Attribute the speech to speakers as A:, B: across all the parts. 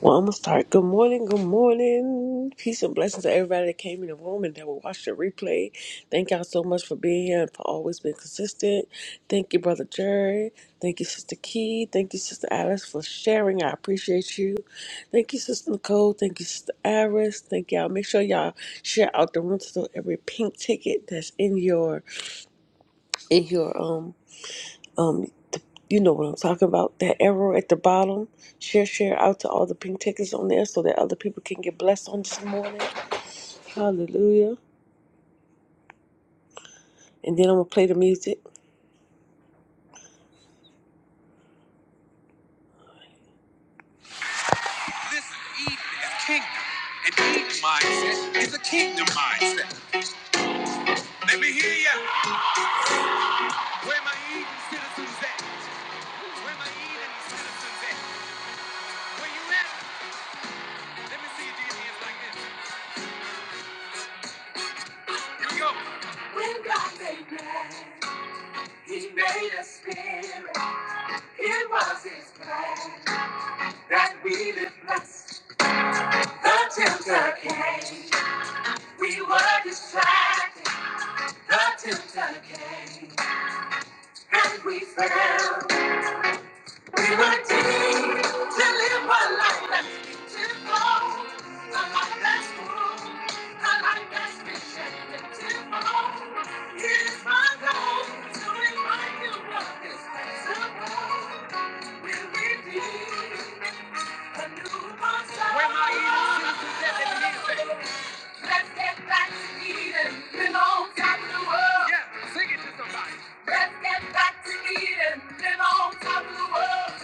A: Well, I'm gonna start. Good morning, good morning. Peace and blessings to everybody that came in the room and that will watch the replay. Thank y'all so much for being here and for always being consistent. Thank you, Brother Jerry. Thank you, Sister Key. Thank you, Sister Alice, for sharing. I appreciate you. Thank you, Sister Nicole. Thank you, Sister Iris. Thank y'all. Make sure y'all share out the room to every pink ticket that's in your in your um um, th- you know what I'm talking about. That arrow at the bottom. Share, share out to all the pink tickets on there so that other people can get blessed on this morning. Hallelujah. And then I'm gonna play the music. Listen, Eden is kingdom. And Eden mindset is a kingdom mindset. Let me hear ya. Where my Eden citizens at? Where my Eden citizens at? Where you at? Let me see you do your hands like this. Here we go. He made us spirit. It was his plan that we live blessed. The tempter came. We were distracted. The tempter came. And we fell. Let's get back to Eden, been on top of the world. Yeah. Let's get back to Eden, been on top of the world.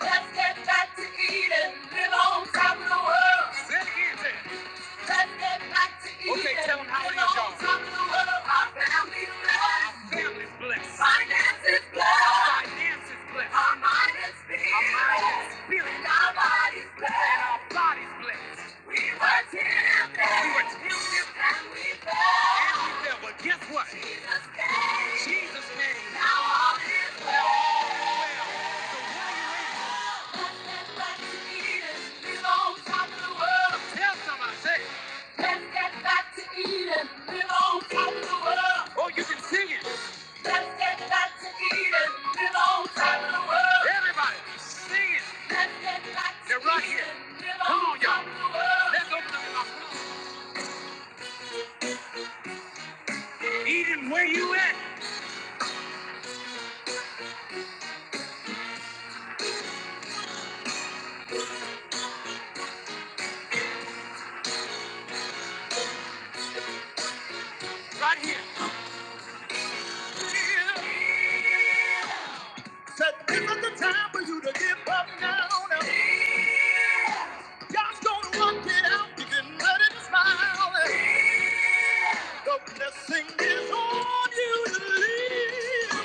A: Let's get back to Eden, live on top of the world. Say it it. Let's get back to Eden. Okay, Live on top of the world. Our family's blessed. Our family's blessed. Our mind is filled. Our body's blessed. And our body's blessed. We were tempted. And we fell. And we fell. But guess what? Jesus came. Jesus came. Now all is well. Well. Eden, where you at? Right here. Said, this is the time for you to give up now. now. God's gonna work it out. You can let it smile. The blessing is on you to live.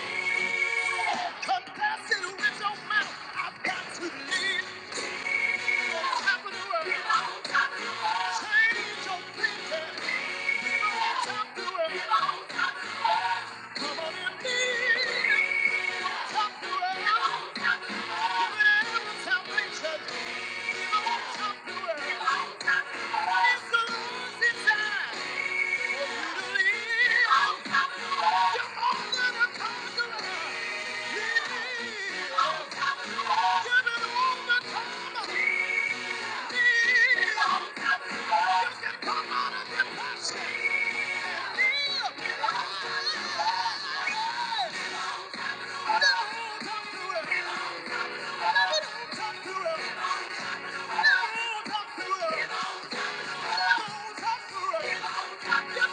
A: Confess it with your mouth. I've got to live. On top of the world. Change your thinking. People on top of the world. Come on and live. Don't talk to her. Give it hell with salvation. Give it won't talk to her. It's the Lord's desire to live. Just don't talk to her. Come on don't get your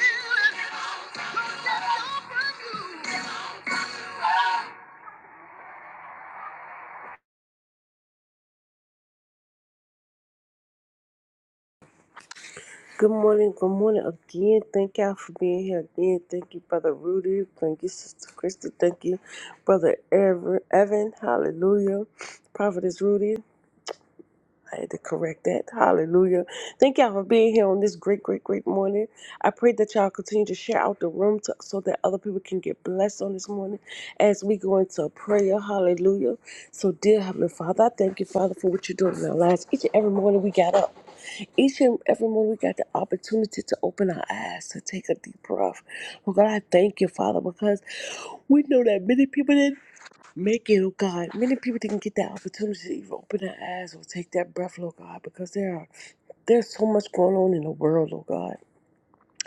A: healing. Don't get your breakthrough. Good morning, good morning again. Thank y'all for being here again. Thank you, Brother Rudy. Thank you, Sister Krista. Thank you, Brother Ever- Evan. Hallelujah. Prophetess Rudy. I had to correct that. Hallelujah. Thank y'all for being here on this great, great, great morning. I pray that y'all continue to share out the room to, so that other people can get blessed on this morning as we go into prayer. Hallelujah. So, dear Heavenly Father, I thank you, Father, for what you're doing in our lives. Each and every morning we got up. Each and every morning, we got the opportunity to open our eyes, to take a deep breath. Oh God, I thank you, Father, because we know that many people didn't make it, oh God. Many people didn't get that opportunity to even open their eyes or take that breath, Oh God, because there are there's so much going on in the world, oh God.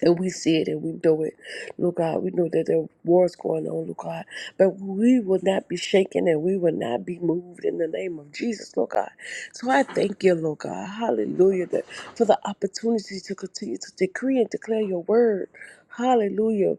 A: And we see it and we know it. Lord God, we know that there are wars going on, Lord God. But we will not be shaken and we will not be moved in the name of Jesus, Lord God. So I thank you, Lord God. Hallelujah. That for the opportunity to continue to decree and declare your word. Hallelujah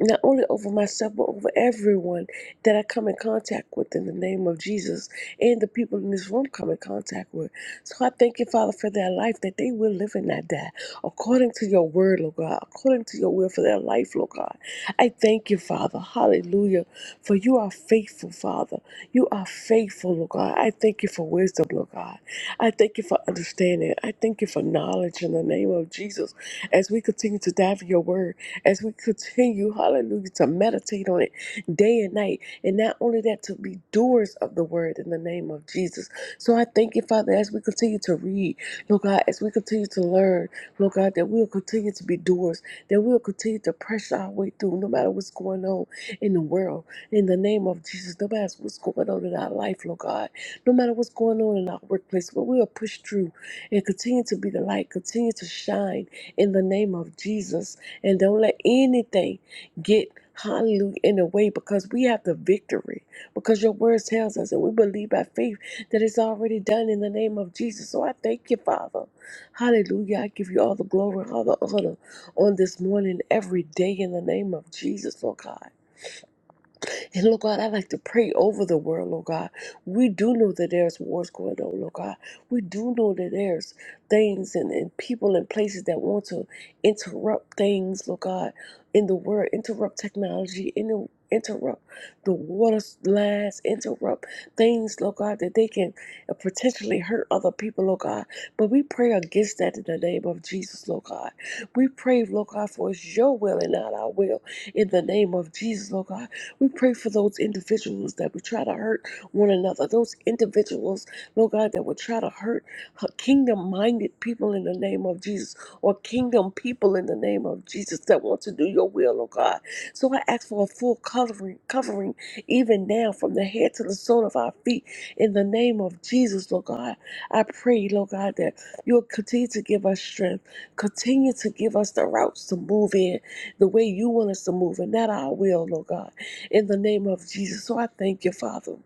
A: not only over myself, but over everyone that I come in contact with in the name of Jesus and the people in this room come in contact with. So I thank you, Father, for their life that they will live and not die according to your word, Lord God, according to your will for their life, Lord God. I thank you, Father. Hallelujah. For you are faithful, Father. You are faithful, Lord God. I thank you for wisdom, Lord God. I thank you for understanding. I thank you for knowledge in the name of Jesus as we continue to dive in your word as we continue, hallelujah, to meditate on it day and night. And not only that, to be doers of the word in the name of Jesus. So I thank you, Father, as we continue to read, Lord God, as we continue to learn, Lord God, that we'll continue to be doers, that we'll continue to press our way through no matter what's going on in the world. In the name of Jesus, no matter what's going on in our life, Lord God, no matter what's going on in our workplace, but we'll push through and continue to be the light, continue to shine in the name of Jesus. And don't let anything get hallelujah in the way because we have the victory. Because your word tells us and we believe by faith that it's already done in the name of Jesus. So I thank you, Father. Hallelujah. I give you all the glory, all the honor on this morning, every day in the name of Jesus, Lord God. And Lord God, I like to pray over the world, Lord God. We do know that there's wars going on, Lord God. We do know that there's things and, and people and places that want to interrupt things, Lord God, in the world, interrupt technology, inter- interrupt the water lines, interrupt things, Lord God, that they can uh, potentially hurt other people, Lord God. But we pray against that in the name of Jesus, Lord God. We pray, Lord God, for it's your will and not our will in the name of Jesus, Lord God. We pray for those individuals that would try to hurt one another, those individuals, Lord God, that would try to hurt kingdom minded people in the name of Jesus or kingdom people in the name of Jesus that want to do your will, Lord God. So I ask for a full covering, covering even now from the head to the sole of our feet in the name of Jesus, Lord God. I pray, Lord God, that you'll continue to give us strength, continue to give us the routes to move in the way you want us to move and not our will, Lord God in the name of Jesus. So I thank you, Father,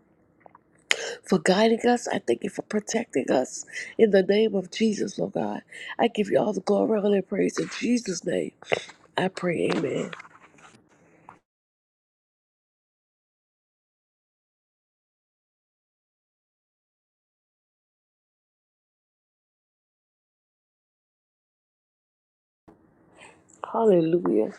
A: for guiding us. I thank you for protecting us in the name of Jesus, Lord God. I give you all the glory, honor, and praise in Jesus' name. I pray, Amen. Hallelujah.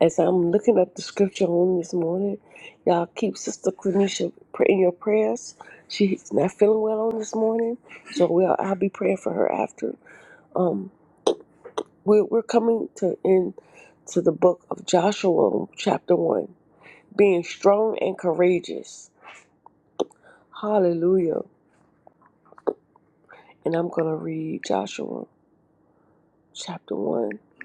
A: As I'm looking at the scripture on this morning, y'all keep Sister Quenisha in your prayers. She's not feeling well on this morning, so we'll, I'll be praying for her after. We're, we're coming to end to the book of Joshua, chapter 1, being strong and courageous. Hallelujah. And I'm going to read Joshua chapter 1. Give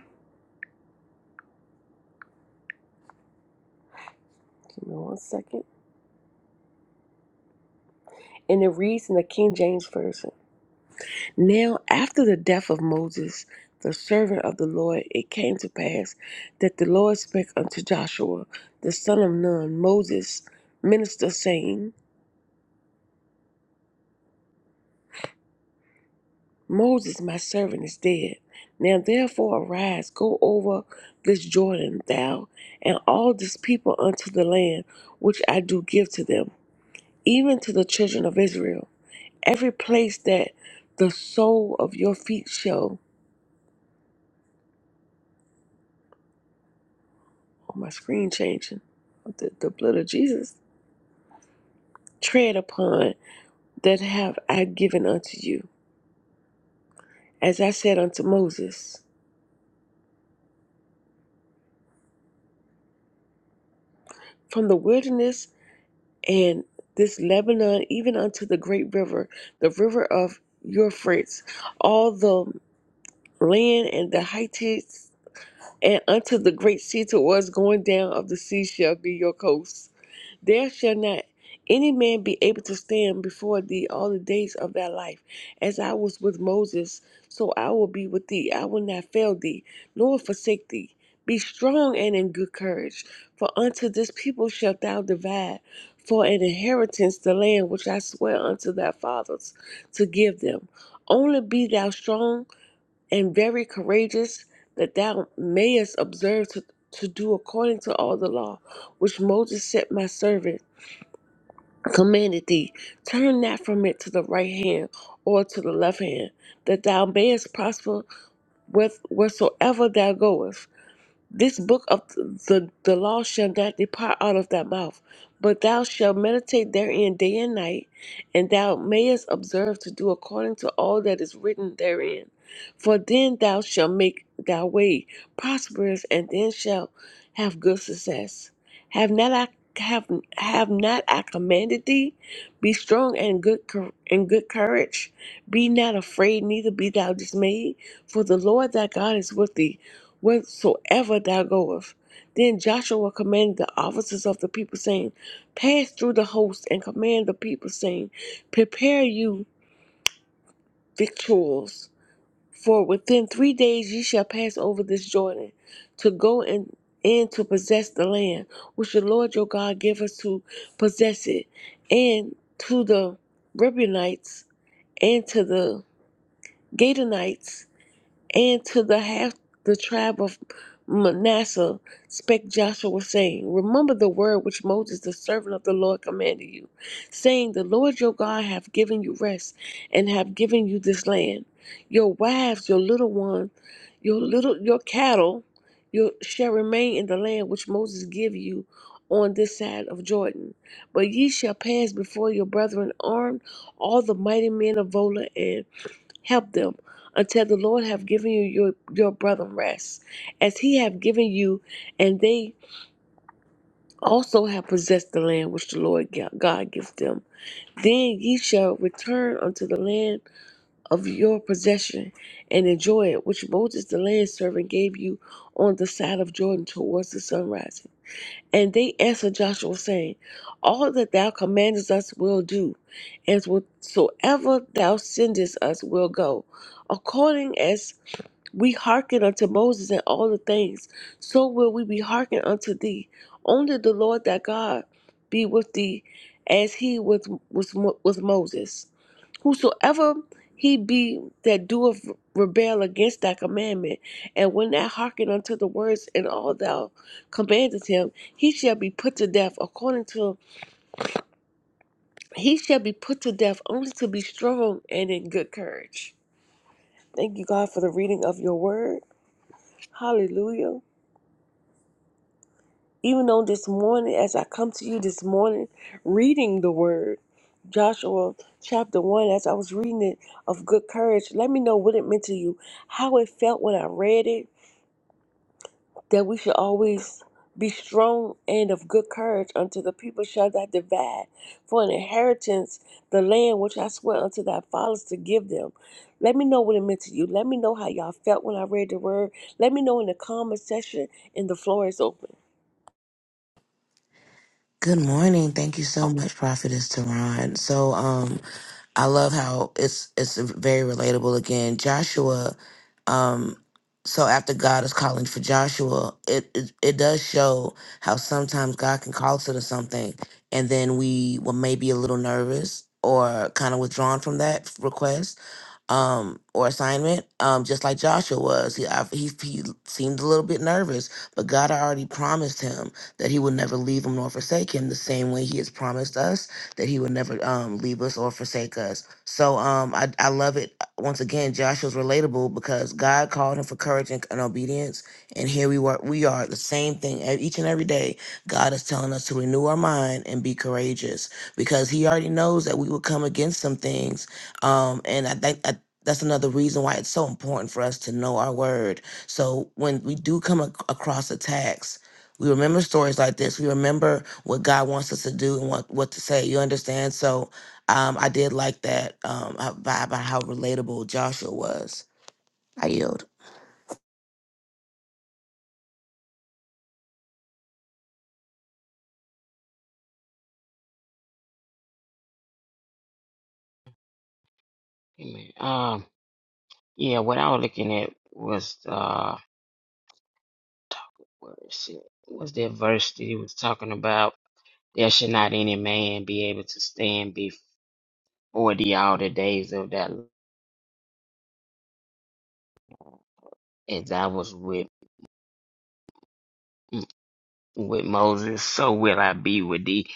A: me one second. And it reads in the King James Version Now, after the death of Moses, the servant of the Lord, it came to pass that the Lord spake unto Joshua, the son of Nun, Moses, minister, saying, Moses, my servant, is dead. Now, therefore, arise, go over this Jordan, thou and all this people unto the land which I do give to them even to the children of Israel. Every place that the sole of your feet shall, oh, my screen changing, the, the blood of Jesus, tread upon, that have I given unto you, as I said unto Moses. From the wilderness and this Lebanon, even unto the great river, the river of your friends, all the land and the heights, and unto the great sea towards going down of the sea shall be your coast There shall not any man be able to stand before thee all the days of thy life. As I was with Moses, so I will be with thee. I will not fail thee, nor forsake thee. Be strong and in good courage, for unto this people shalt thou divide for an inheritance the land which I swear unto thy fathers to give them. Only be thou strong and very courageous, that thou mayest observe to, to do according to all the law which Moses set my servant commanded thee, turn not from it to the right hand or to the left hand, that thou mayest prosper with wheresoever thou goest. This book of the, the law shall not depart out of thy mouth, but thou shalt meditate therein day and night, and thou mayest observe to do according to all that is written therein. For then thou shalt make thy way prosperous, and then shalt have good success. Have not I have have not I commanded thee? Be strong and good cour- and good courage. Be not afraid, neither be thou dismayed, for the Lord thy God is with thee whensoever thou goest. Then Joshua commanded the officers of the people, saying, Pass through the host and command the people, saying, Prepare you victuals, for within three days ye shall pass over this Jordan to go and and to possess the land which the Lord your God give us to possess it, and to the Reubenites, and to the Gadonites, and to the half the tribe of Manasseh spake Joshua, saying, Remember the word which Moses the servant of the Lord commanded you, saying, The Lord your God hath given you rest, and hath given you this land. Your wives, your little one, your little your cattle, you shall remain in the land which Moses give you on this side of Jordan. But ye shall pass before your brethren armed, all the mighty men of Vola help them until the lord have given you your, your brother rest as he have given you and they also have possessed the land which the lord Ga- god gives them then ye shall return unto the land of your possession and enjoy it which moses the land servant gave you on the side of jordan towards the sunrise and they answered joshua saying all that thou commandest us will do and whatsoever thou sendest us will go according as we hearken unto Moses and all the things, so will we be hearkened unto thee. Only the Lord thy God be with thee, as he was was Mo- with Moses. Whosoever he be that doeth rebel against thy commandment, and when thou hearken unto the words and all thou commandest him, he shall be put to death according to he shall be put to death only to be strong and in good courage. Thank you, God, for the reading of your word. Hallelujah. Even on this morning, as I come to you this morning, reading the word, Joshua chapter 1, as I was reading it of good courage, let me know what it meant to you, how it felt when I read it, that we should always be strong and of good courage unto the people shall that divide for an inheritance the land which I swear unto thy fathers to give them. Let me know what it meant to you. Let me know how y'all felt when I read the word. Let me know in the comment section and the floor is open.
B: Good morning. Thank you so much, Prophetess Tehran. So, um, I love how it's it's very relatable again. Joshua, um, so after God is calling for Joshua, it, it it does show how sometimes God can call us to something, and then we will maybe a little nervous or kind of withdrawn from that request um, or assignment, um, just like Joshua was. He, I, he he seemed a little bit nervous, but God had already promised him that He would never leave him nor forsake him. The same way He has promised us that He would never um, leave us or forsake us. So um, I I love it. uh, Once again, Joshua's relatable because God called him for courage and, and obedience, and here we were. We are the same thing e- each and every day. God is telling us to renew our mind and be courageous because He already knows that we will come against some things um, and I think I that's another reason why it's so important for us to know our word. So when we do come ac- across attacks, we remember stories like this. We remember what God wants us to do and what, what to say. You understand? So um, I did like that um, about, about how relatable Joshua was. I yield.
C: Amen. Um, yeah, what I was looking at was uh, where is it? What's that verse that he was talking about? There should not any man be able to stand before thee all the days of that. As I was with mm, with Moses, so will I be with thee.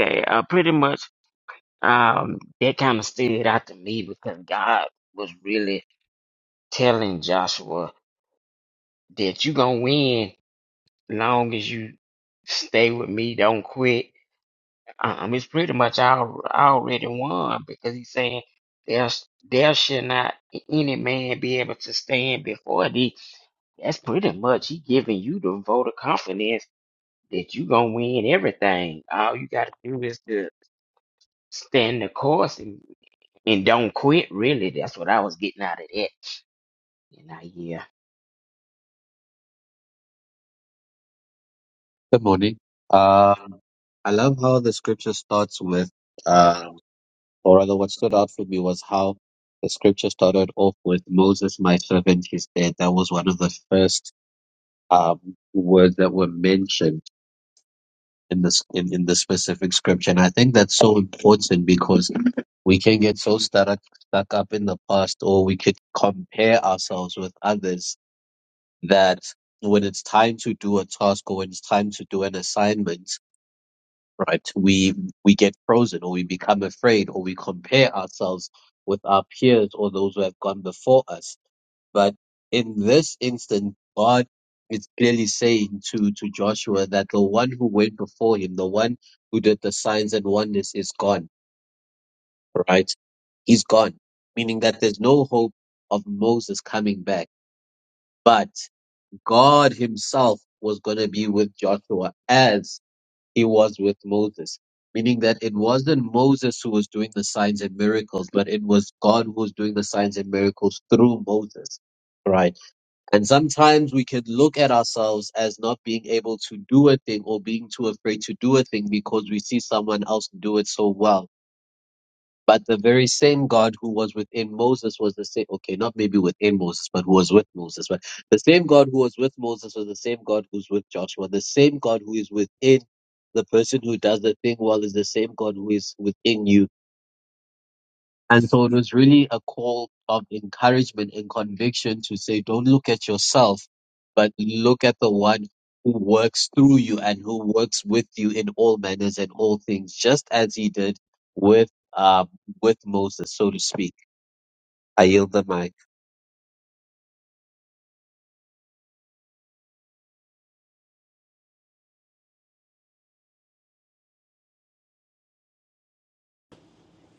C: Okay, uh, pretty much, um, that kind of stood out to me because God was really telling Joshua that you gonna win long as you stay with me, don't quit Um, it's pretty much al- already won because he's saying there's there should not any man be able to stand before thee. That's pretty much he giving you the vote of confidence that you gonna win everything. All you gotta do is to stand the course and, and don't quit. Really, that's what I was getting out of that. And I yeah,
D: Good morning. Um, I love how the scripture starts with, um, or rather, what stood out for me was how the scripture started off with Moses, my servant, is dead. That was one of the first um, words that were mentioned in this in, in the specific scripture, and I think that's so important because we can get so stuck up- stuck up in the past, or we could compare ourselves with others that when it's time to do a task or when it's time to do an assignment right? We we get frozen or we become afraid or we compare ourselves with our peers or those who have gone before us. But in this instance, God is clearly saying to, to Joshua that the one who went before him, the one who did the signs and wonders is gone, right? He's gone, meaning that there's no hope of Moses coming back. But God himself was going to be with Joshua as he was with Moses, meaning that it wasn't Moses who was doing the signs and miracles, but it was God who was doing the signs and miracles through Moses. Right. And sometimes we could look at ourselves as not being able to do a thing or being too afraid to do a thing because we see someone else do it so well but the very same God who was within Moses was the same, okay, not maybe within Moses, but who was with Moses. But the same God who was with Moses was the same God who's with Joshua. The same God who is within the person who does the thing well is the same God who is within you and so it was really a call of encouragement and conviction to say, don't look at yourself, but look at the one who works through you and who works with you in all manners and all things, just as he did with um, with Moses, so to speak. I yield the mic.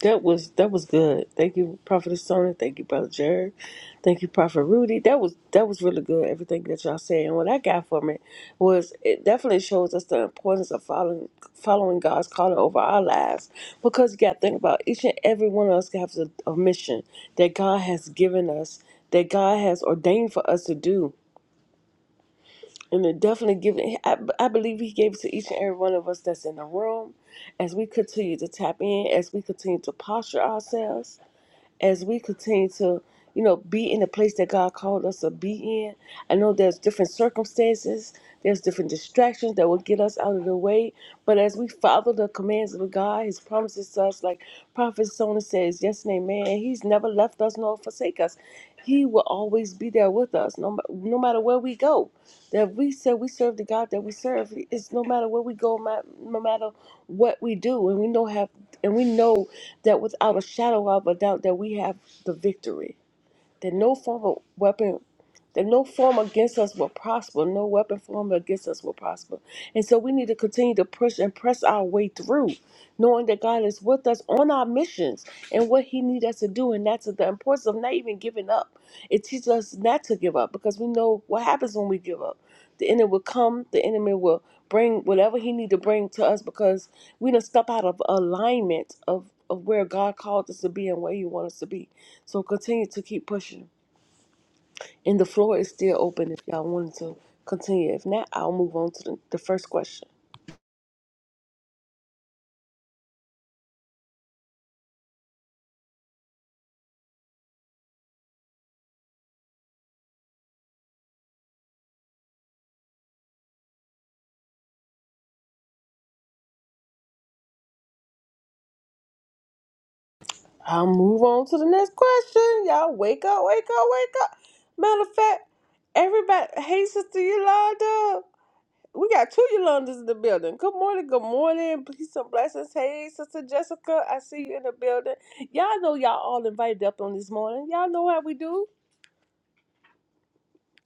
A: That was that was good. Thank you, Prophet Sona. Thank you, Brother Jared. Thank you, Prophet Rudy. That was that was really good. Everything that y'all said and what I got from it was it definitely shows us the importance of following following God's calling over our lives because you got to think about each and every one of us has a, a mission that God has given us that God has ordained for us to do. And it definitely given. I, I believe He gave it to each and every one of us that's in the room, as we continue to tap in, as we continue to posture ourselves as we continue to, you know, be in the place that God called us to be in. I know there's different circumstances, there's different distractions that will get us out of the way. But as we follow the commands of God, His promises to us, like Prophet Sona says, yes and amen, and He's never left us nor forsake us. He will always be there with us, no, ma- no matter where we go that we said we serve the God that we serve. It's no matter where we go, ma- no matter what we do, and we know have and we know that without a shadow of a doubt that we have the victory. That no form of weapon, that no form against us will prosper. No weapon formed against us will prosper. And so we need to continue to push and press our way through, knowing that God is with us on our missions and what He needs us to do. And that's the importance of not even giving up. It teaches us not to give up because we know what happens when we give up the enemy will come. The enemy will bring whatever he need to bring to us because we don't step out of alignment of, of where God called us to be and where He wants us to be. So continue to keep pushing. And the floor is still open if y'all wanted to continue. If not, I'll move on to the, the first question. I'll move on to the next question. Y'all wake up, wake up, wake up. Matter of fact, everybody, hey, Sister Yolanda. We got two Yolandas in the building. Good morning, good morning. Peace and blessings. Hey, Sister Jessica, I see you in the building. Y'all know y'all all invited up on this morning. Y'all know how we do.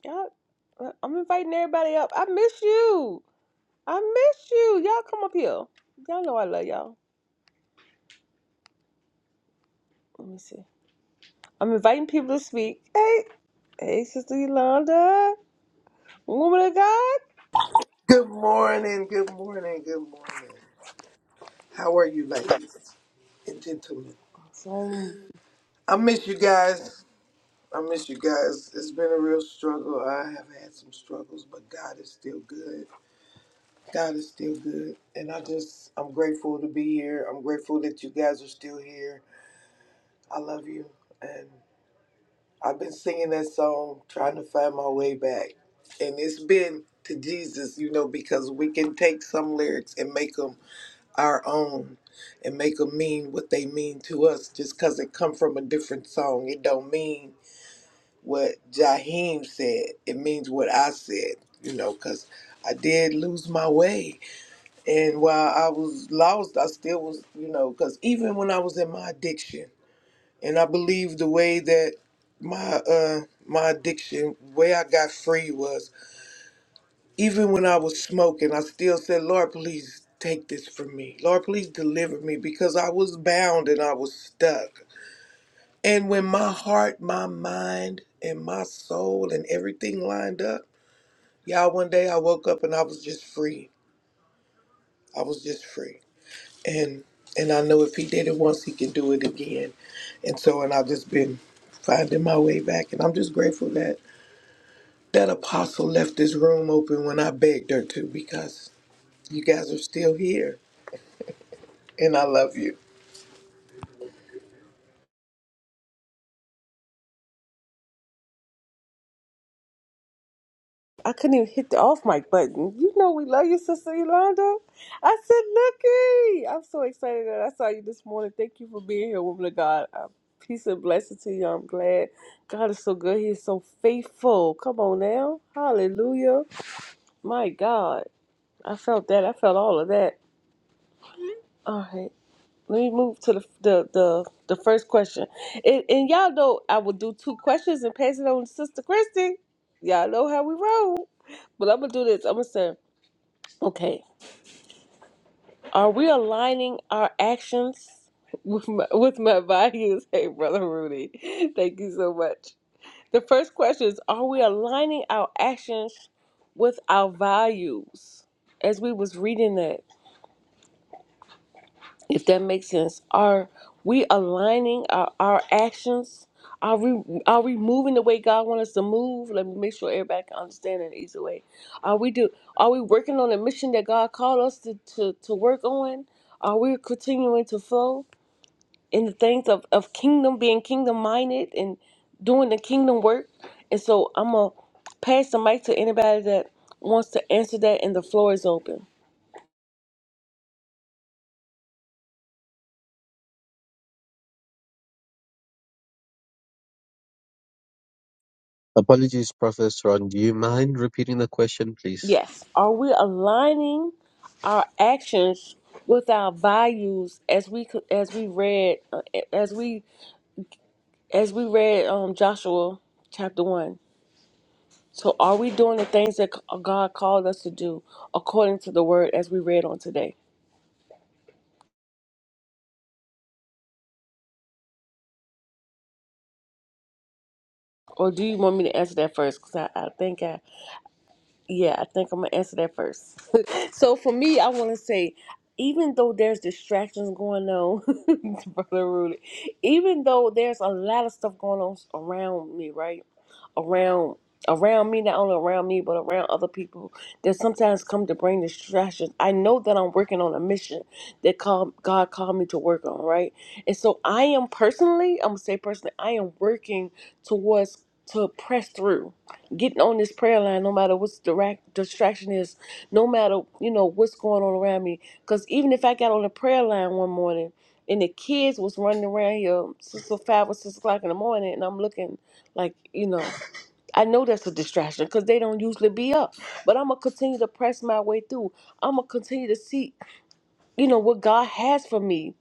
A: Y'all, uh, I'm inviting everybody up. I miss you. I miss you. Y'all come up here. Y'all know I love y'all. Let me see. I'm inviting people to speak. Hey, hey, Sister Yolanda, woman of God.
E: Good morning, good morning, good morning. How are you, ladies and gentlemen?
A: Awesome.
E: I miss you guys. I miss you guys. It's been a real struggle. I have had some struggles, but God is still good. God is still good. And I just, I'm grateful to be here. I'm grateful that you guys are still here. I love you. And I've been singing that song, trying to find my way back. And it's been to Jesus, you know, because we can take some lyrics and make 'em our own and make them mean what they mean to us just because it come from a different song it don't mean what jaheim said it means what i said you know because i did lose my way and while i was lost i still was you know because even when i was in my addiction and i believe the way that my uh my addiction way i got free was even when I was smoking, I still said, Lord, please take this from me. Lord, please deliver me because I was bound and I was stuck. And when my heart, my mind, and my soul and everything lined up, y'all, one day I woke up and I was just free. I was just free. And and I know if he did it once, he can do it again. And so, and I've just been finding my way back. And I'm just grateful that that apostle left this room open when I begged her to because you guys are still here and I love you.
A: I couldn't even hit the off mic button. You know we love you, Sister Yolanda. I said, Looky! I'm so excited that I saw you this morning. Thank you for being here, woman of God. Uh, peace and blessing to you. I'm glad. God is so good. He is so faithful. Come on now. Hallelujah. My God. I felt that. I felt all of that. All right. Let me move to the the the, the first question. And, and y'all know I will do two questions and pass it on to Sister Christy. Y'all know how we roll. But I'm gonna do this. I'm gonna say, okay. Are we aligning our actions with my, with my values? Hey, Brother Rudy, thank you so much. The first question is Are we aligning our actions with our values? As we was reading that, if that makes sense are we aligning our, our actions are we are we moving the way god wants us to move let me make sure everybody can understand in an easy way are we do are we working on the mission that god called us to to, to work on are we continuing to flow in the things of, of kingdom being kingdom minded and doing the kingdom work and so i'm gonna pass the mic to anybody that wants to answer that and the floor is open
D: Apologies, Professor Ron. Do you mind repeating the question, please?
A: Yes. Are we aligning our actions with our values as we co- as we read uh, as we as we read um Joshua chapter 1. So are we doing the things that c- uh, God called us to do according to the word as we read on today? Or do you want me to answer that first cuz I, I think I Yeah, I think I'm gonna answer that first. so for me, I want to say, even though there's distractions going on, brother Rudy, even though there's a lot of stuff going on around me, right, around around me, not only around me but around other people that sometimes come to bring distractions. I know that I'm working on a mission that call, God called me to work on, right? And so I am personally, I'm gonna say personally, I am working towards to press through getting on this prayer line, no matter what's direct distraction is, no matter you know what's going on around me. Because even if I got on the prayer line one morning and the kids was running around here six or five or six o'clock in the morning, and I'm looking like you know, I know that's a distraction because they don't usually be up. But I'm gonna continue to press my way through. I'm gonna continue to see you know what God has for me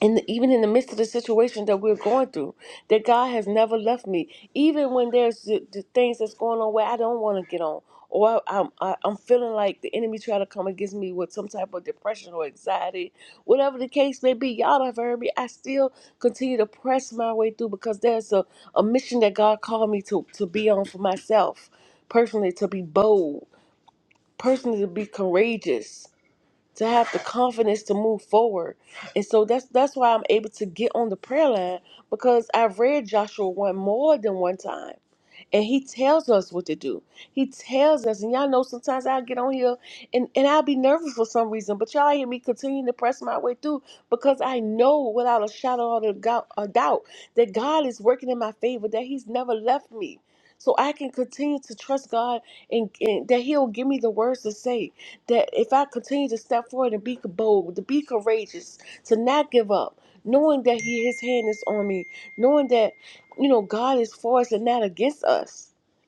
A: and even in the midst of the situation that we're going through, that God has never left me. Even when there's the, the things that's going on where I don't want to get on, or I, I'm I, I'm feeling like the enemy trying to come against me with some type of depression or anxiety, whatever the case may be. Y'all have heard me. I still continue to press my way through because there's a, a mission that God called me to to be on for myself, personally to be bold, personally to be courageous to have the confidence to move forward. And so that's that's why I'm able to get on the prayer line because I've read Joshua one more than one time. And he tells us what to do. He tells us, and y'all know sometimes I'll get on here and, and I'll be nervous for some reason, but y'all hear me continuing to press my way through because I know without a shadow of a go- a doubt that God is working in my favor, that He's never left me. So I can continue to trust God and, and that He'll give me the words to say that if I continue to step forward and be bold, to be courageous, to not give up, knowing that He His hand is on me, knowing that you know God is for us and not against us.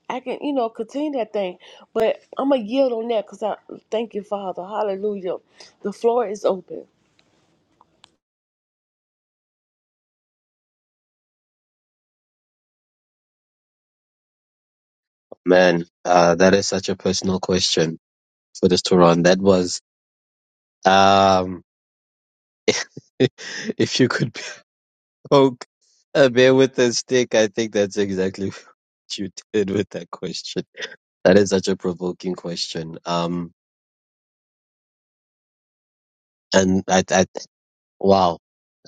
A: I can, you know, continue that thing, but I'm gonna yield on that because I thank you, Father. Hallelujah. The floor is open.
D: Man, uh, that is such a personal question for this to run. That was um, if you could poke a bear with a stick. I think that's exactly what you did with that question. That is such a provoking question. Um, and I, I wow,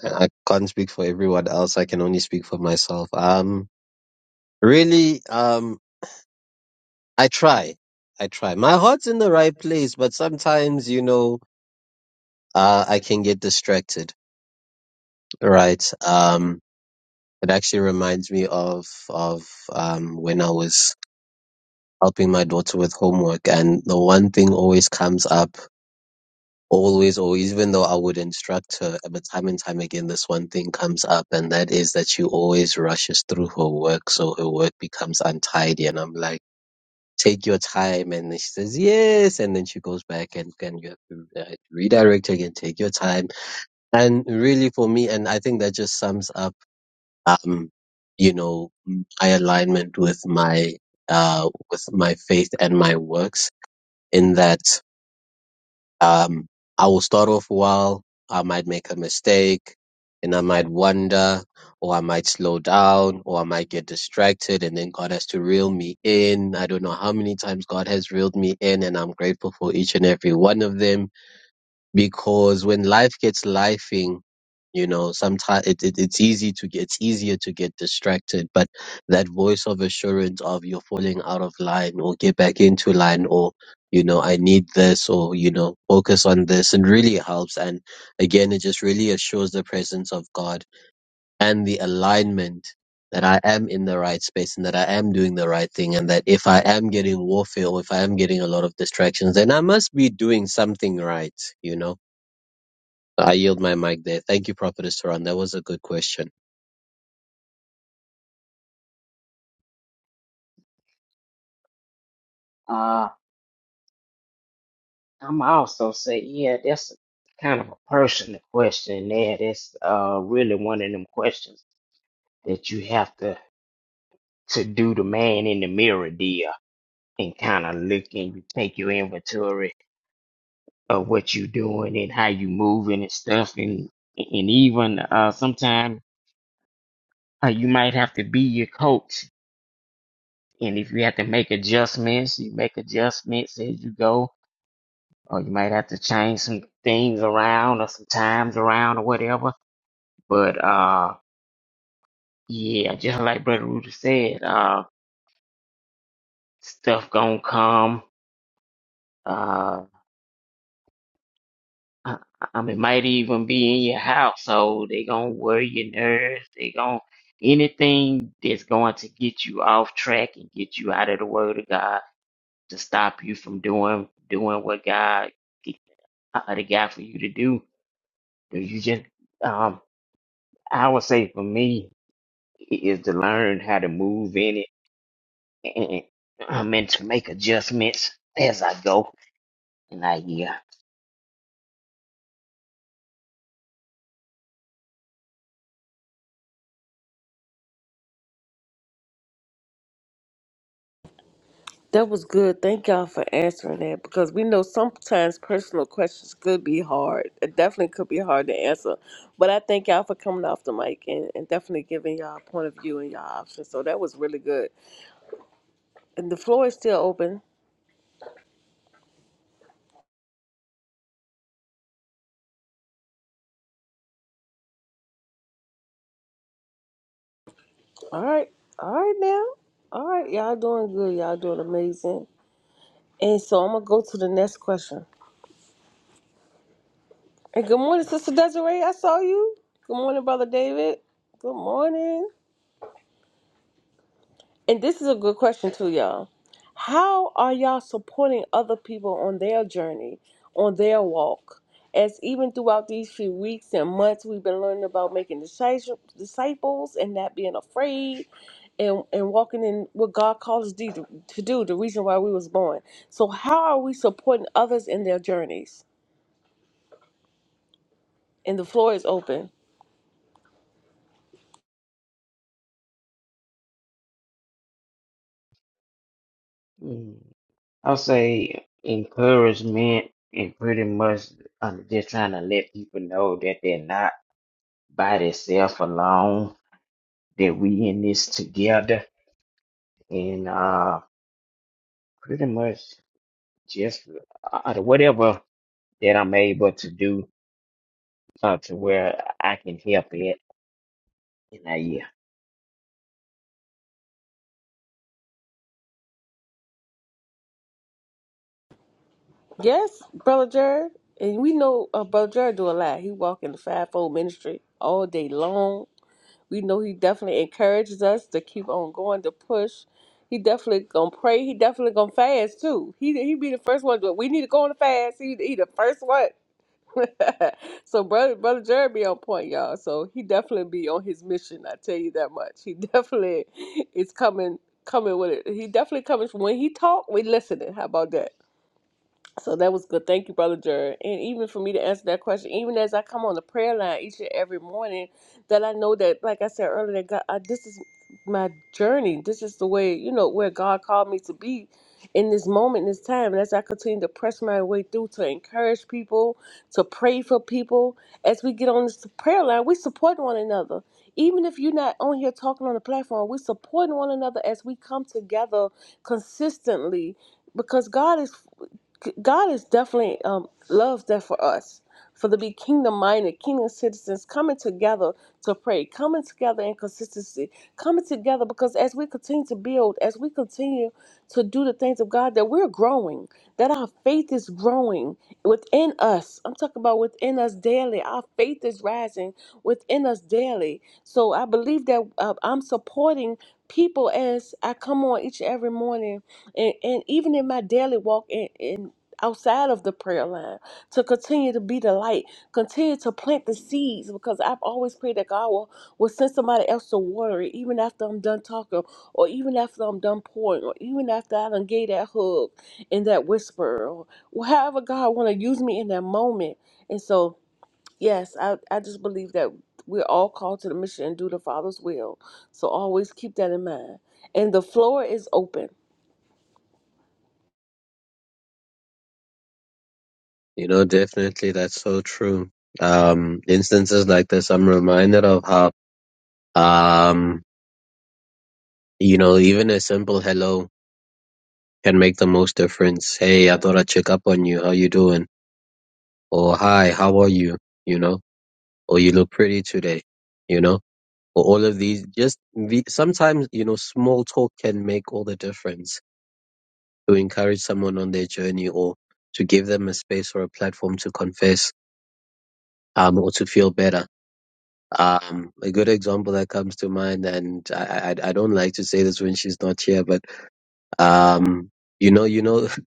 D: I I can't speak for everyone else. I can only speak for myself. Um, really, um, I try. I try. My heart's in the right place, but sometimes, you know, uh, I can get distracted, right? Um, it actually reminds me of, of, um, when I was helping my daughter with homework and the one thing always comes up always always. even though I would instruct her uh, but time and time again this one thing comes up and that is that she always rushes through her work so her work becomes untidy and I'm like take your time and then she says yes and then she goes back and can you have to uh, redirect her again take your time and really for me and I think that just sums up um you know my alignment with my uh with my faith and my works in that um, I will start off well, I might make a mistake, and I might wonder, or I might slow down, or I might get distracted, and then God has to reel me in. I don't know how many times God has reeled me in, and I'm grateful for each and every one of them because when life gets lifing, you know, sometimes it, it, it's easy to get, it's easier to get distracted, but that voice of assurance of you're falling out of line or get back into line or, you know, I need this or, you know, focus on this and really helps. And again, it just really assures the presence of God and the alignment that I am in the right space and that I am doing the right thing. And that if I am getting warfare or if I am getting a lot of distractions, then I must be doing something right, you know? I yield my mic there. Thank you, Prophetess Saran. That was a good question.
C: uh, I'm also say yeah, that's kind of a personal question there. That's uh really one of them questions that you have to to do the man in the mirror deal and kind of look and you take your inventory of what you doing and how you moving and stuff and and even uh sometimes uh, you might have to be your coach and if you have to make adjustments you make adjustments as you go or you might have to change some things around or some times around or whatever but uh yeah just like brother Rudy said uh stuff gonna come uh. I, I mean, might even be in your household. They gonna worry your nerves. They gonna anything that's going to get you off track and get you out of the Word of God to stop you from doing doing what God uh, the God for you to do. Do you just um? I would say for me i- is to learn how to move in it and um, and to make adjustments as I go. And I yeah.
A: That was good. Thank y'all for answering that because we know sometimes personal questions could be hard. It definitely could be hard to answer. But I thank y'all for coming off the mic and, and definitely giving y'all point of view and y'all options. So that was really good. And the floor is still open. All right. All right now. All right. Y'all doing good. Y'all doing amazing. And so I'm going to go to the next question. And good morning, Sister Desiree. I saw you. Good morning, Brother David. Good morning. And this is a good question too, y'all. How are y'all supporting other people on their journey, on their walk? As even throughout these few weeks and months, we've been learning about making disci- disciples and not being afraid and, and walking in what God calls us to, to do, the reason why we was born. So how are we supporting others in their journeys? And the floor is open.
C: I'll say encouragement and pretty much um, just trying to let people know that they're not by themselves alone, that we in this together, and uh, pretty much just uh, whatever that I'm able to do uh, to where I can help it. And I yield.
A: Yes, Brother Jared. And we know uh, Brother Jared do a lot. He walk in the fivefold ministry all day long we know he definitely encourages us to keep on going to push. He definitely gonna pray. He definitely gonna fast too. He he be the first one. But we need to go on a fast. He he the first one. so brother brother Jared be on point, y'all. So he definitely be on his mission. I tell you that much. He definitely is coming coming with it. He definitely coming from when he talk. We listening. How about that? So that was good. Thank you, Brother Jared. And even for me to answer that question, even as I come on the prayer line each and every morning, that I know that, like I said earlier, that God, I, this is my journey. This is the way, you know, where God called me to be in this moment, in this time. And as I continue to press my way through to encourage people, to pray for people, as we get on this prayer line, we support one another even if you're not on here talking on the platform, we're supporting one another as we come together consistently because God is God is definitely um, loves that for us, for to be kingdom minded, kingdom citizens coming together to pray, coming together in consistency, coming together because as we continue to build, as we continue to do the things of God, that we're growing, that our faith is growing within us. I'm talking about within us daily. Our faith is rising within us daily so I believe that uh, I'm supporting people as I come on each and every morning, and, and even in my daily walk in, in outside of the prayer line to continue to be the light, continue to plant the seeds because I've always prayed that God will, will send somebody else to water it, even after I'm done talking, or even after I'm done pouring, or even after I done gave that hug and that whisper, or however God want to use me in that moment. And so Yes, I, I just believe that we're all called to the mission and do the Father's will. So always keep that in mind. And the floor is open.
D: You know, definitely that's so true. Um, instances like this, I'm reminded of how, um, you know, even a simple hello can make the most difference. Hey, I thought I'd check up on you. How you doing? Or hi, how are you? You know, or you look pretty today. You know, or all of these just the, sometimes, you know, small talk can make all the difference to encourage someone on their journey or to give them a space or a platform to confess um, or to feel better. Um, a good example that comes to mind, and I, I, I don't like to say this when she's not here, but um, you know, you know,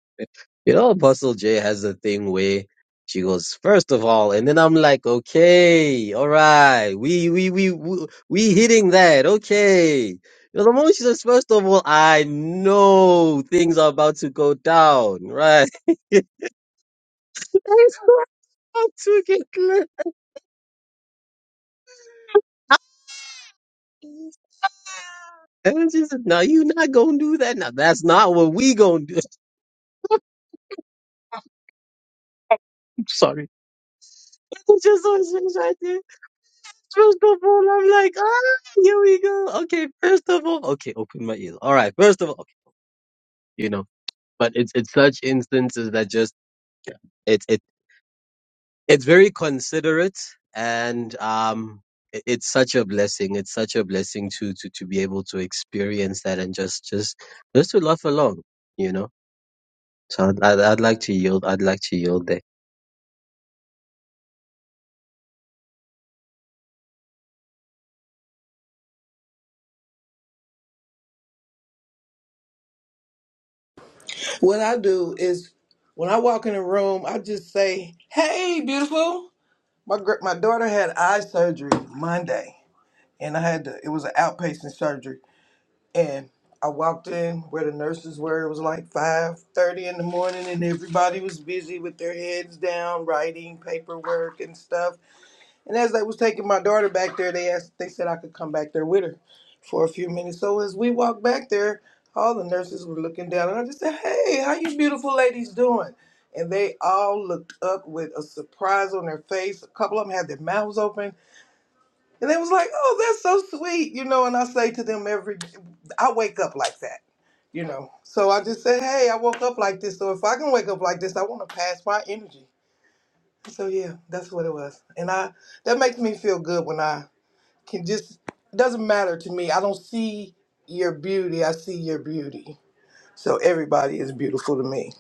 D: you know, Apostle J has a thing where she goes first of all, and then I'm like, okay, all right, we we we we, we hitting that, okay. You know, the moment she says first of all, I know things are about to go down, right? Things are about to get clear. And she said, "No, you not gonna do that. Now that's not what we gonna do." I'm sorry. It's just so she's right there. First of all, I'm like, ah, here we go. Okay, first of all, okay, open my ears. All right, first of all, okay, you know. But it's it's such instances that just it's it it's very considerate and um it, it's such a blessing. It's such a blessing to to to be able to experience that and just just just to laugh along, you know. So I'd, I'd, I'd like to yield. I'd like to yield there.
E: What I do is when I walk in a room, I just say, "Hey, beautiful." My gr- my daughter had eye surgery Monday, and I had to. It was an outpatient surgery, and I walked in where the nurses were. It was like five thirty in the morning, and everybody was busy with their heads down, writing paperwork and stuff. And as they was taking my daughter back there, they asked, they said I could come back there with her for a few minutes. So as we walked back there, all the nurses were looking down, and I just said, "Hey, how you beautiful ladies doing?" And they all looked up with a surprise on their face. A couple of them had their mouths open, and they was like, "Oh, that's so sweet," you know. And I say to them every, I wake up like that, you know. So I just said, "Hey, I woke up like this. So if I can wake up like this, I want to pass my energy." So yeah, that's what it was. And I that makes me feel good when I can just it doesn't matter to me. I don't see your beauty, I see your beauty. So everybody is beautiful to me.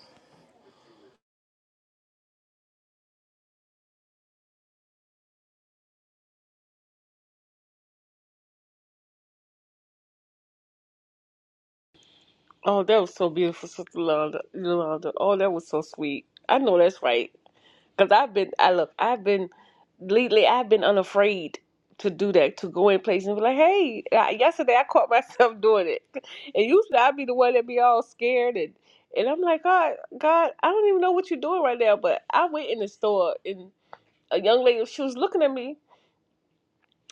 A: Oh, that was so beautiful, Sister Yolanda. Yolanda. Oh, that was so sweet. I know that's right. Because I've been, I look, I've been, lately, I've been unafraid to do that, to go in places and be like, hey, I, yesterday I caught myself doing it. And usually I'd be the one that be all scared and and I'm like, God, God, I don't even know what you're doing right now. But I went in the store and a young lady, she was looking at me.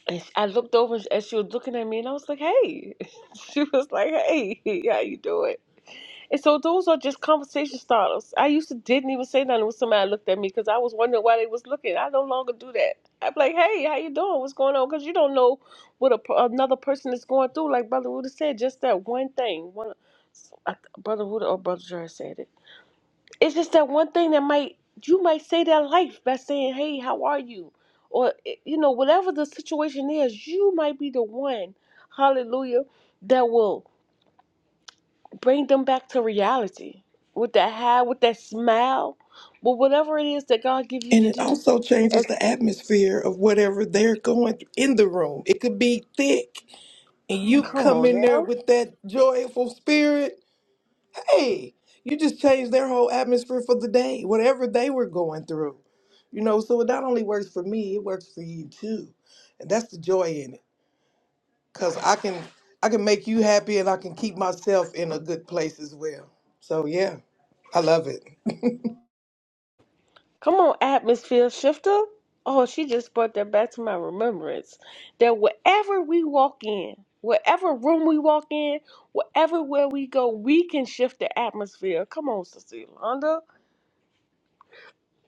A: And I looked over and she was looking at me, and I was like, "Hey," she was like, "Hey, how you doing?" And so those are just conversation starters. I used to didn't even say nothing when somebody looked at me because I was wondering why they was looking. I no longer do that. I'm like, "Hey, how you doing? What's going on?" Because you don't know what a, another person is going through. Like Brother Wood said, just that one thing. One, I, Brother Wood or Brother Jerry said it it's just that one thing that might you might say their life by saying, "Hey, how are you?" or eh, you know whatever the situation is, you might be the one, hallelujah, that will bring them back to reality with that high, with that smile, with whatever it is that God give you
E: And
A: to
E: it
A: do.
E: also
A: And
E: changes the atmosphere of whatever they're going through in the room. It could be thick and you
A: come
E: come
A: on,
E: in there with that joyful spirit. Hey, you just changed their whole atmosphere for the day, whatever they were going through. You know, so it not only works for me, it works for you too. And that's the joy in it. Cause I can I can make you happy and I can keep myself in a good place as well. So yeah, I love it.
A: Come on, atmosphere shifter. Oh, she just brought that back to my remembrance. That wherever we walk in, wherever room we walk in, wherever where we go, we can shift the atmosphere. Come on, Sister Yolanda.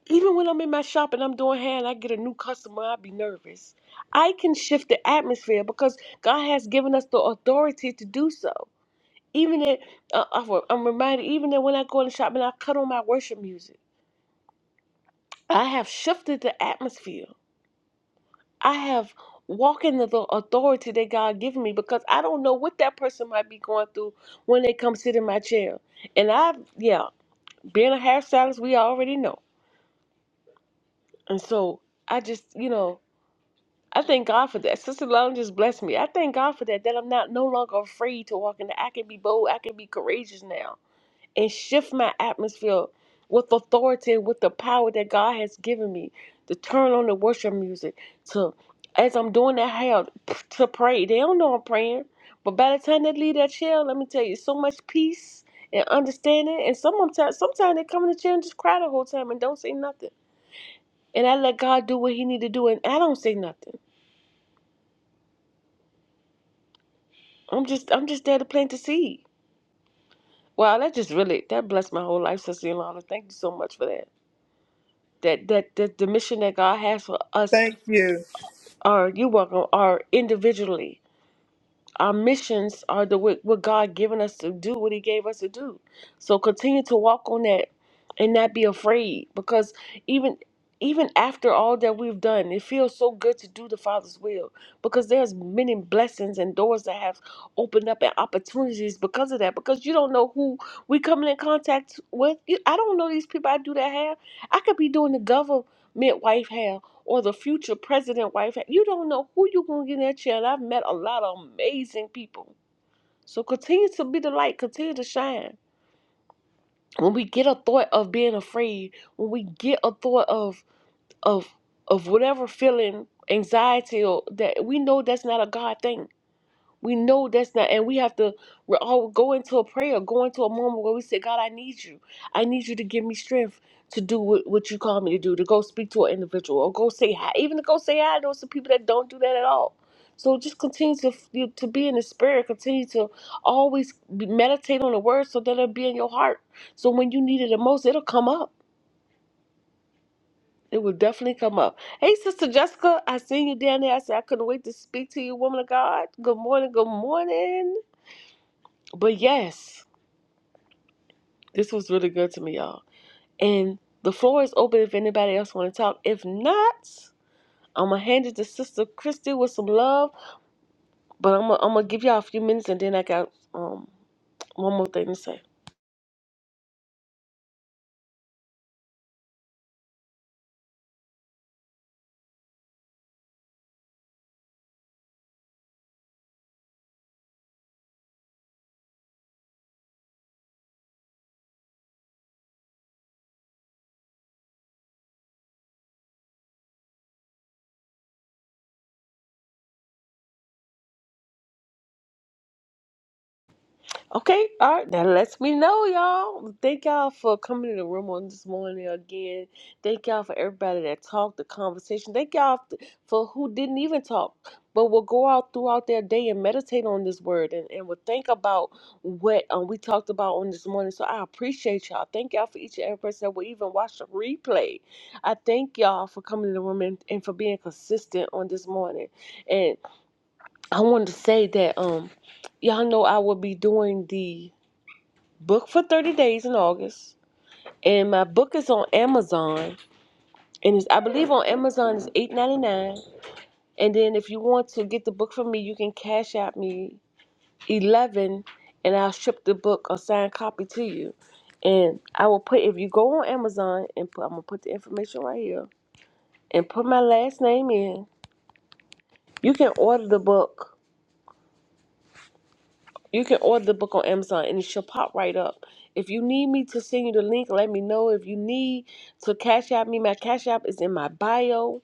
A: Even when I'm in my shop and I'm doing hair and I get a new customer, I be nervous. I can shift the atmosphere because God has given us the authority to do so. Even that, uh, I'm I'm reminded, even that when I go in the shop and I cut on my worship music, I have shifted the atmosphere I have walked in the tho- authority that God given me because I don't know what that person might be going through when they come sit in my chair. And I, yeah, being a hairstylist, we already know. And so I just, you know, I thank God for that. Sister Long just blessed me. I thank God for that. That I'm not no longer afraid to walk in. the I can be bold. I can be courageous now and shift my atmosphere with authority and with the power that God has given me to turn on the worship music to as I'm doing that hell to pray. They don't know I'm praying. But by the time they leave that chair, let me tell you, so much peace and understanding. And some of 'em ti- sometimes they come in the chair and just cry the whole time and don't say nothing. And I let God do what He need to do, and I don't say nothing. I'm just I'm just there to plant the seed. Wow, that just really that blessed my whole life, Sister Yolanda. Thank you so much for that. that that, that the mission that God has for us
E: Thank you.
A: are you welcome are individually our missions are the what, what God given us to do, what He gave us to do. So continue to walk on that and not be afraid, because even even after all that we've done, it feels so good to do the Father's will, because there's many blessings and doors that have opened up and opportunities because of that. Because you don't know who we coming in contact with. You, I don't know these people I do that hair. I could be doing the government wife hair or the future president wife. You don't know who you're going to get in that chair. And I've met a lot of amazing people. So continue to be the light, continue to shine. When we get a thought of being afraid, when we get a thought of of of whatever feeling, anxiety or that we know that's not a God thing. We know that's not, and we have to we all go into a prayer, go into a moment where we say, God, I need you. I need you to give me strength to do what, what you call me to do, to go speak to an individual or go say hi, even to go say hi. I know some people that don't do that at all. So just continue to you- to be in the spirit. Continue to always be- meditate on the word so that it'll be in your heart. So when you need it the most, it'll come up. It will definitely come up. Hey, Sister Jessica, I seen you down there. I said I couldn't wait to speak to you, woman of God. Good morning. Good morning. But yes, this was really good to me, y'all. And the floor is open if anybody else want to talk. If not, I'm gonna hand it to Sister Christy with some love. But I'm gonna, I'm gonna give y'all a few minutes, and then I got um one more thing to say. Okay, all right. That lets me know, y'all. Thank y'all for coming to the room on this morning again. Thank y'all for everybody that talked, the conversation. Thank y'all f- for who didn't even talk, but will go out throughout their day and meditate on this word and, and will think about what um, we talked about on this morning. So I appreciate y'all. Thank y'all for each and every person that will even watch the replay. I thank y'all for coming to the room and, and for being consistent on this morning. And I wanted to say that um, y'all know I will be doing the book for 30 days in August. And my book is on Amazon. And it's, I believe on Amazon is eight ninety nine. And then if you want to get the book from me, you can cash out me eleven and I'll ship the book or signed copy to you. And I will put if you go on Amazon and put I'm gonna put the information right here and put my last name in, you can order the book You can order the book on Amazon and it should pop right up. If you need me to send you the link, let me know. If you need to cash out me, my cash app is in my bio.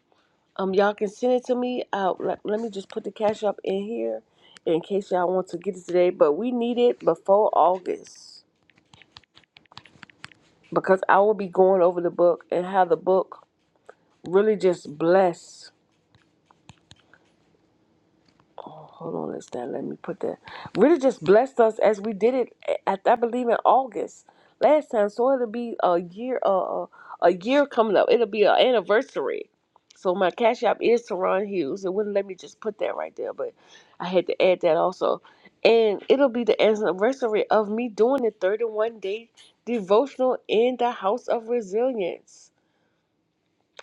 A: Um, y'all can send it to me. Uh, let, let me just put the cash app in here in case y'all want to get it today. But we need it before August because I will be going over the book and how the book really just bless. Oh, hold on, is that? Let me put that. Really, just blessed us as we did it. eh, At, I believe in August last time, so it'll be a year. Uh, a year coming up. It'll be an anniversary. So my cash app is Teron Hughes. It wouldn't let me just put that right there, but I had to add that also. And it'll be the anniversary of me doing the 31 day devotional in the House of Resilience.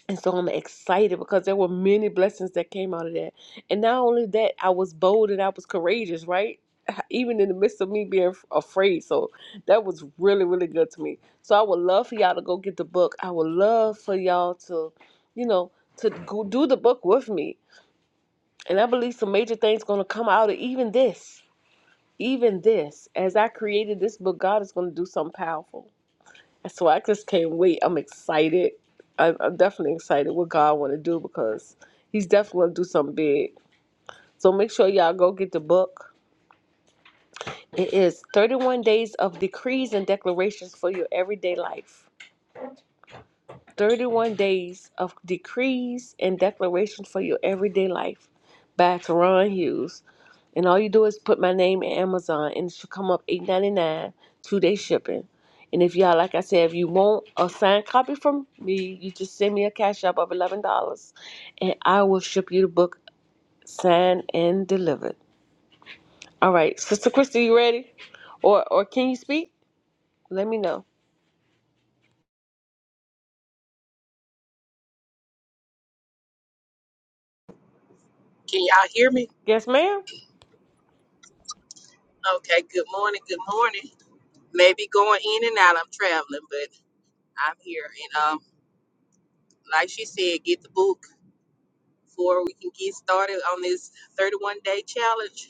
A: And so I'm excited because there were many blessings that came out of that. And not only that, I was bold and I was courageous, right? Even in the midst of me being f- afraid. So that was really, really good to me. So I would love for y'all to go get the book. I would love for y'all to, you know, to go do the book with me. And I believe some major things going to come out of even this. Even this. As I created this book, God is going to do something powerful so I just can't wait. I'm excited. I'm, I'm definitely excited what God want to do because He's definitely going to do something big. So make sure y'all go get the book. It is 31 Days of Decrees and Declarations for Your Everyday Life. 31 Days of Decrees and Declarations for Your Everyday Life by Teron Hughes. And all you do is put my name in Amazon and it should come up eight ninety nine, two day shipping. And if y'all like I said, if you want a signed copy from me, you just send me a cash app of eleven dollars and I will ship you the book signed and delivered. All right, Sister Christy, you ready? Or or can you speak? Let me know.
F: Can y'all hear me?
A: Yes, ma'am.
F: Okay, good morning, good morning. Maybe going in and out, I'm traveling, but I'm here. And um, like she said, get the book before we can get started on this 31 day challenge.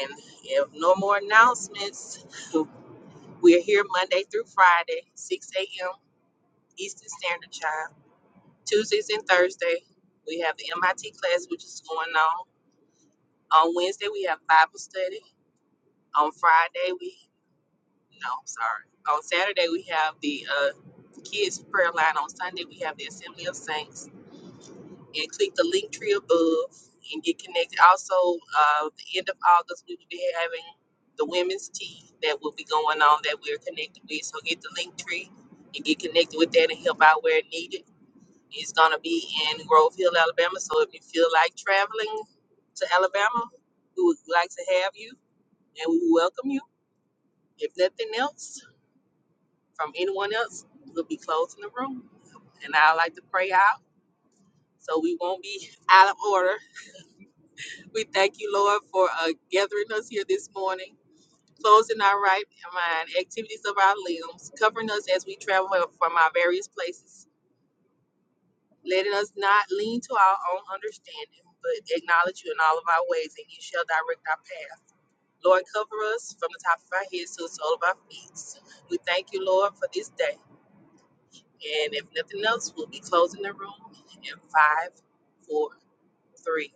F: And if no more announcements, we're here Monday through Friday, 6 a.m. Eastern Standard Time. Tuesdays and Thursday, we have the MIT class, which is going on. On Wednesday, we have Bible study. On Friday, we No, I'm sorry. On Saturday we have the uh, kids prayer line. On Sunday we have the Assembly of Saints. And click the link tree above and get connected. Also, uh, the end of August we will be having the women's tea that will be going on that we're connected with. So get the link tree and get connected with that and help out where needed. It's gonna be in Grove Hill, Alabama. So if you feel like traveling to Alabama, we would like to have you and we welcome you. If nothing else. from anyone else, we'll be closing the room. And I like to pray out so we won't be out of order. We thank you, Lord, for uh, gathering us here this morning, closing our right mind, activities of our limbs, covering us as we travel from our various places, letting us not lean to our own understanding, but acknowledge you in all of our ways, and you shall direct our path. Lord, cover us from the top of our heads to the sole of our feet. We thank you, Lord, for this day. And if nothing else, we'll be closing the room in five, four, three,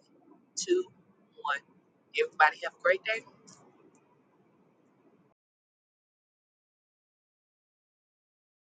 F: two, one. Everybody have a great day.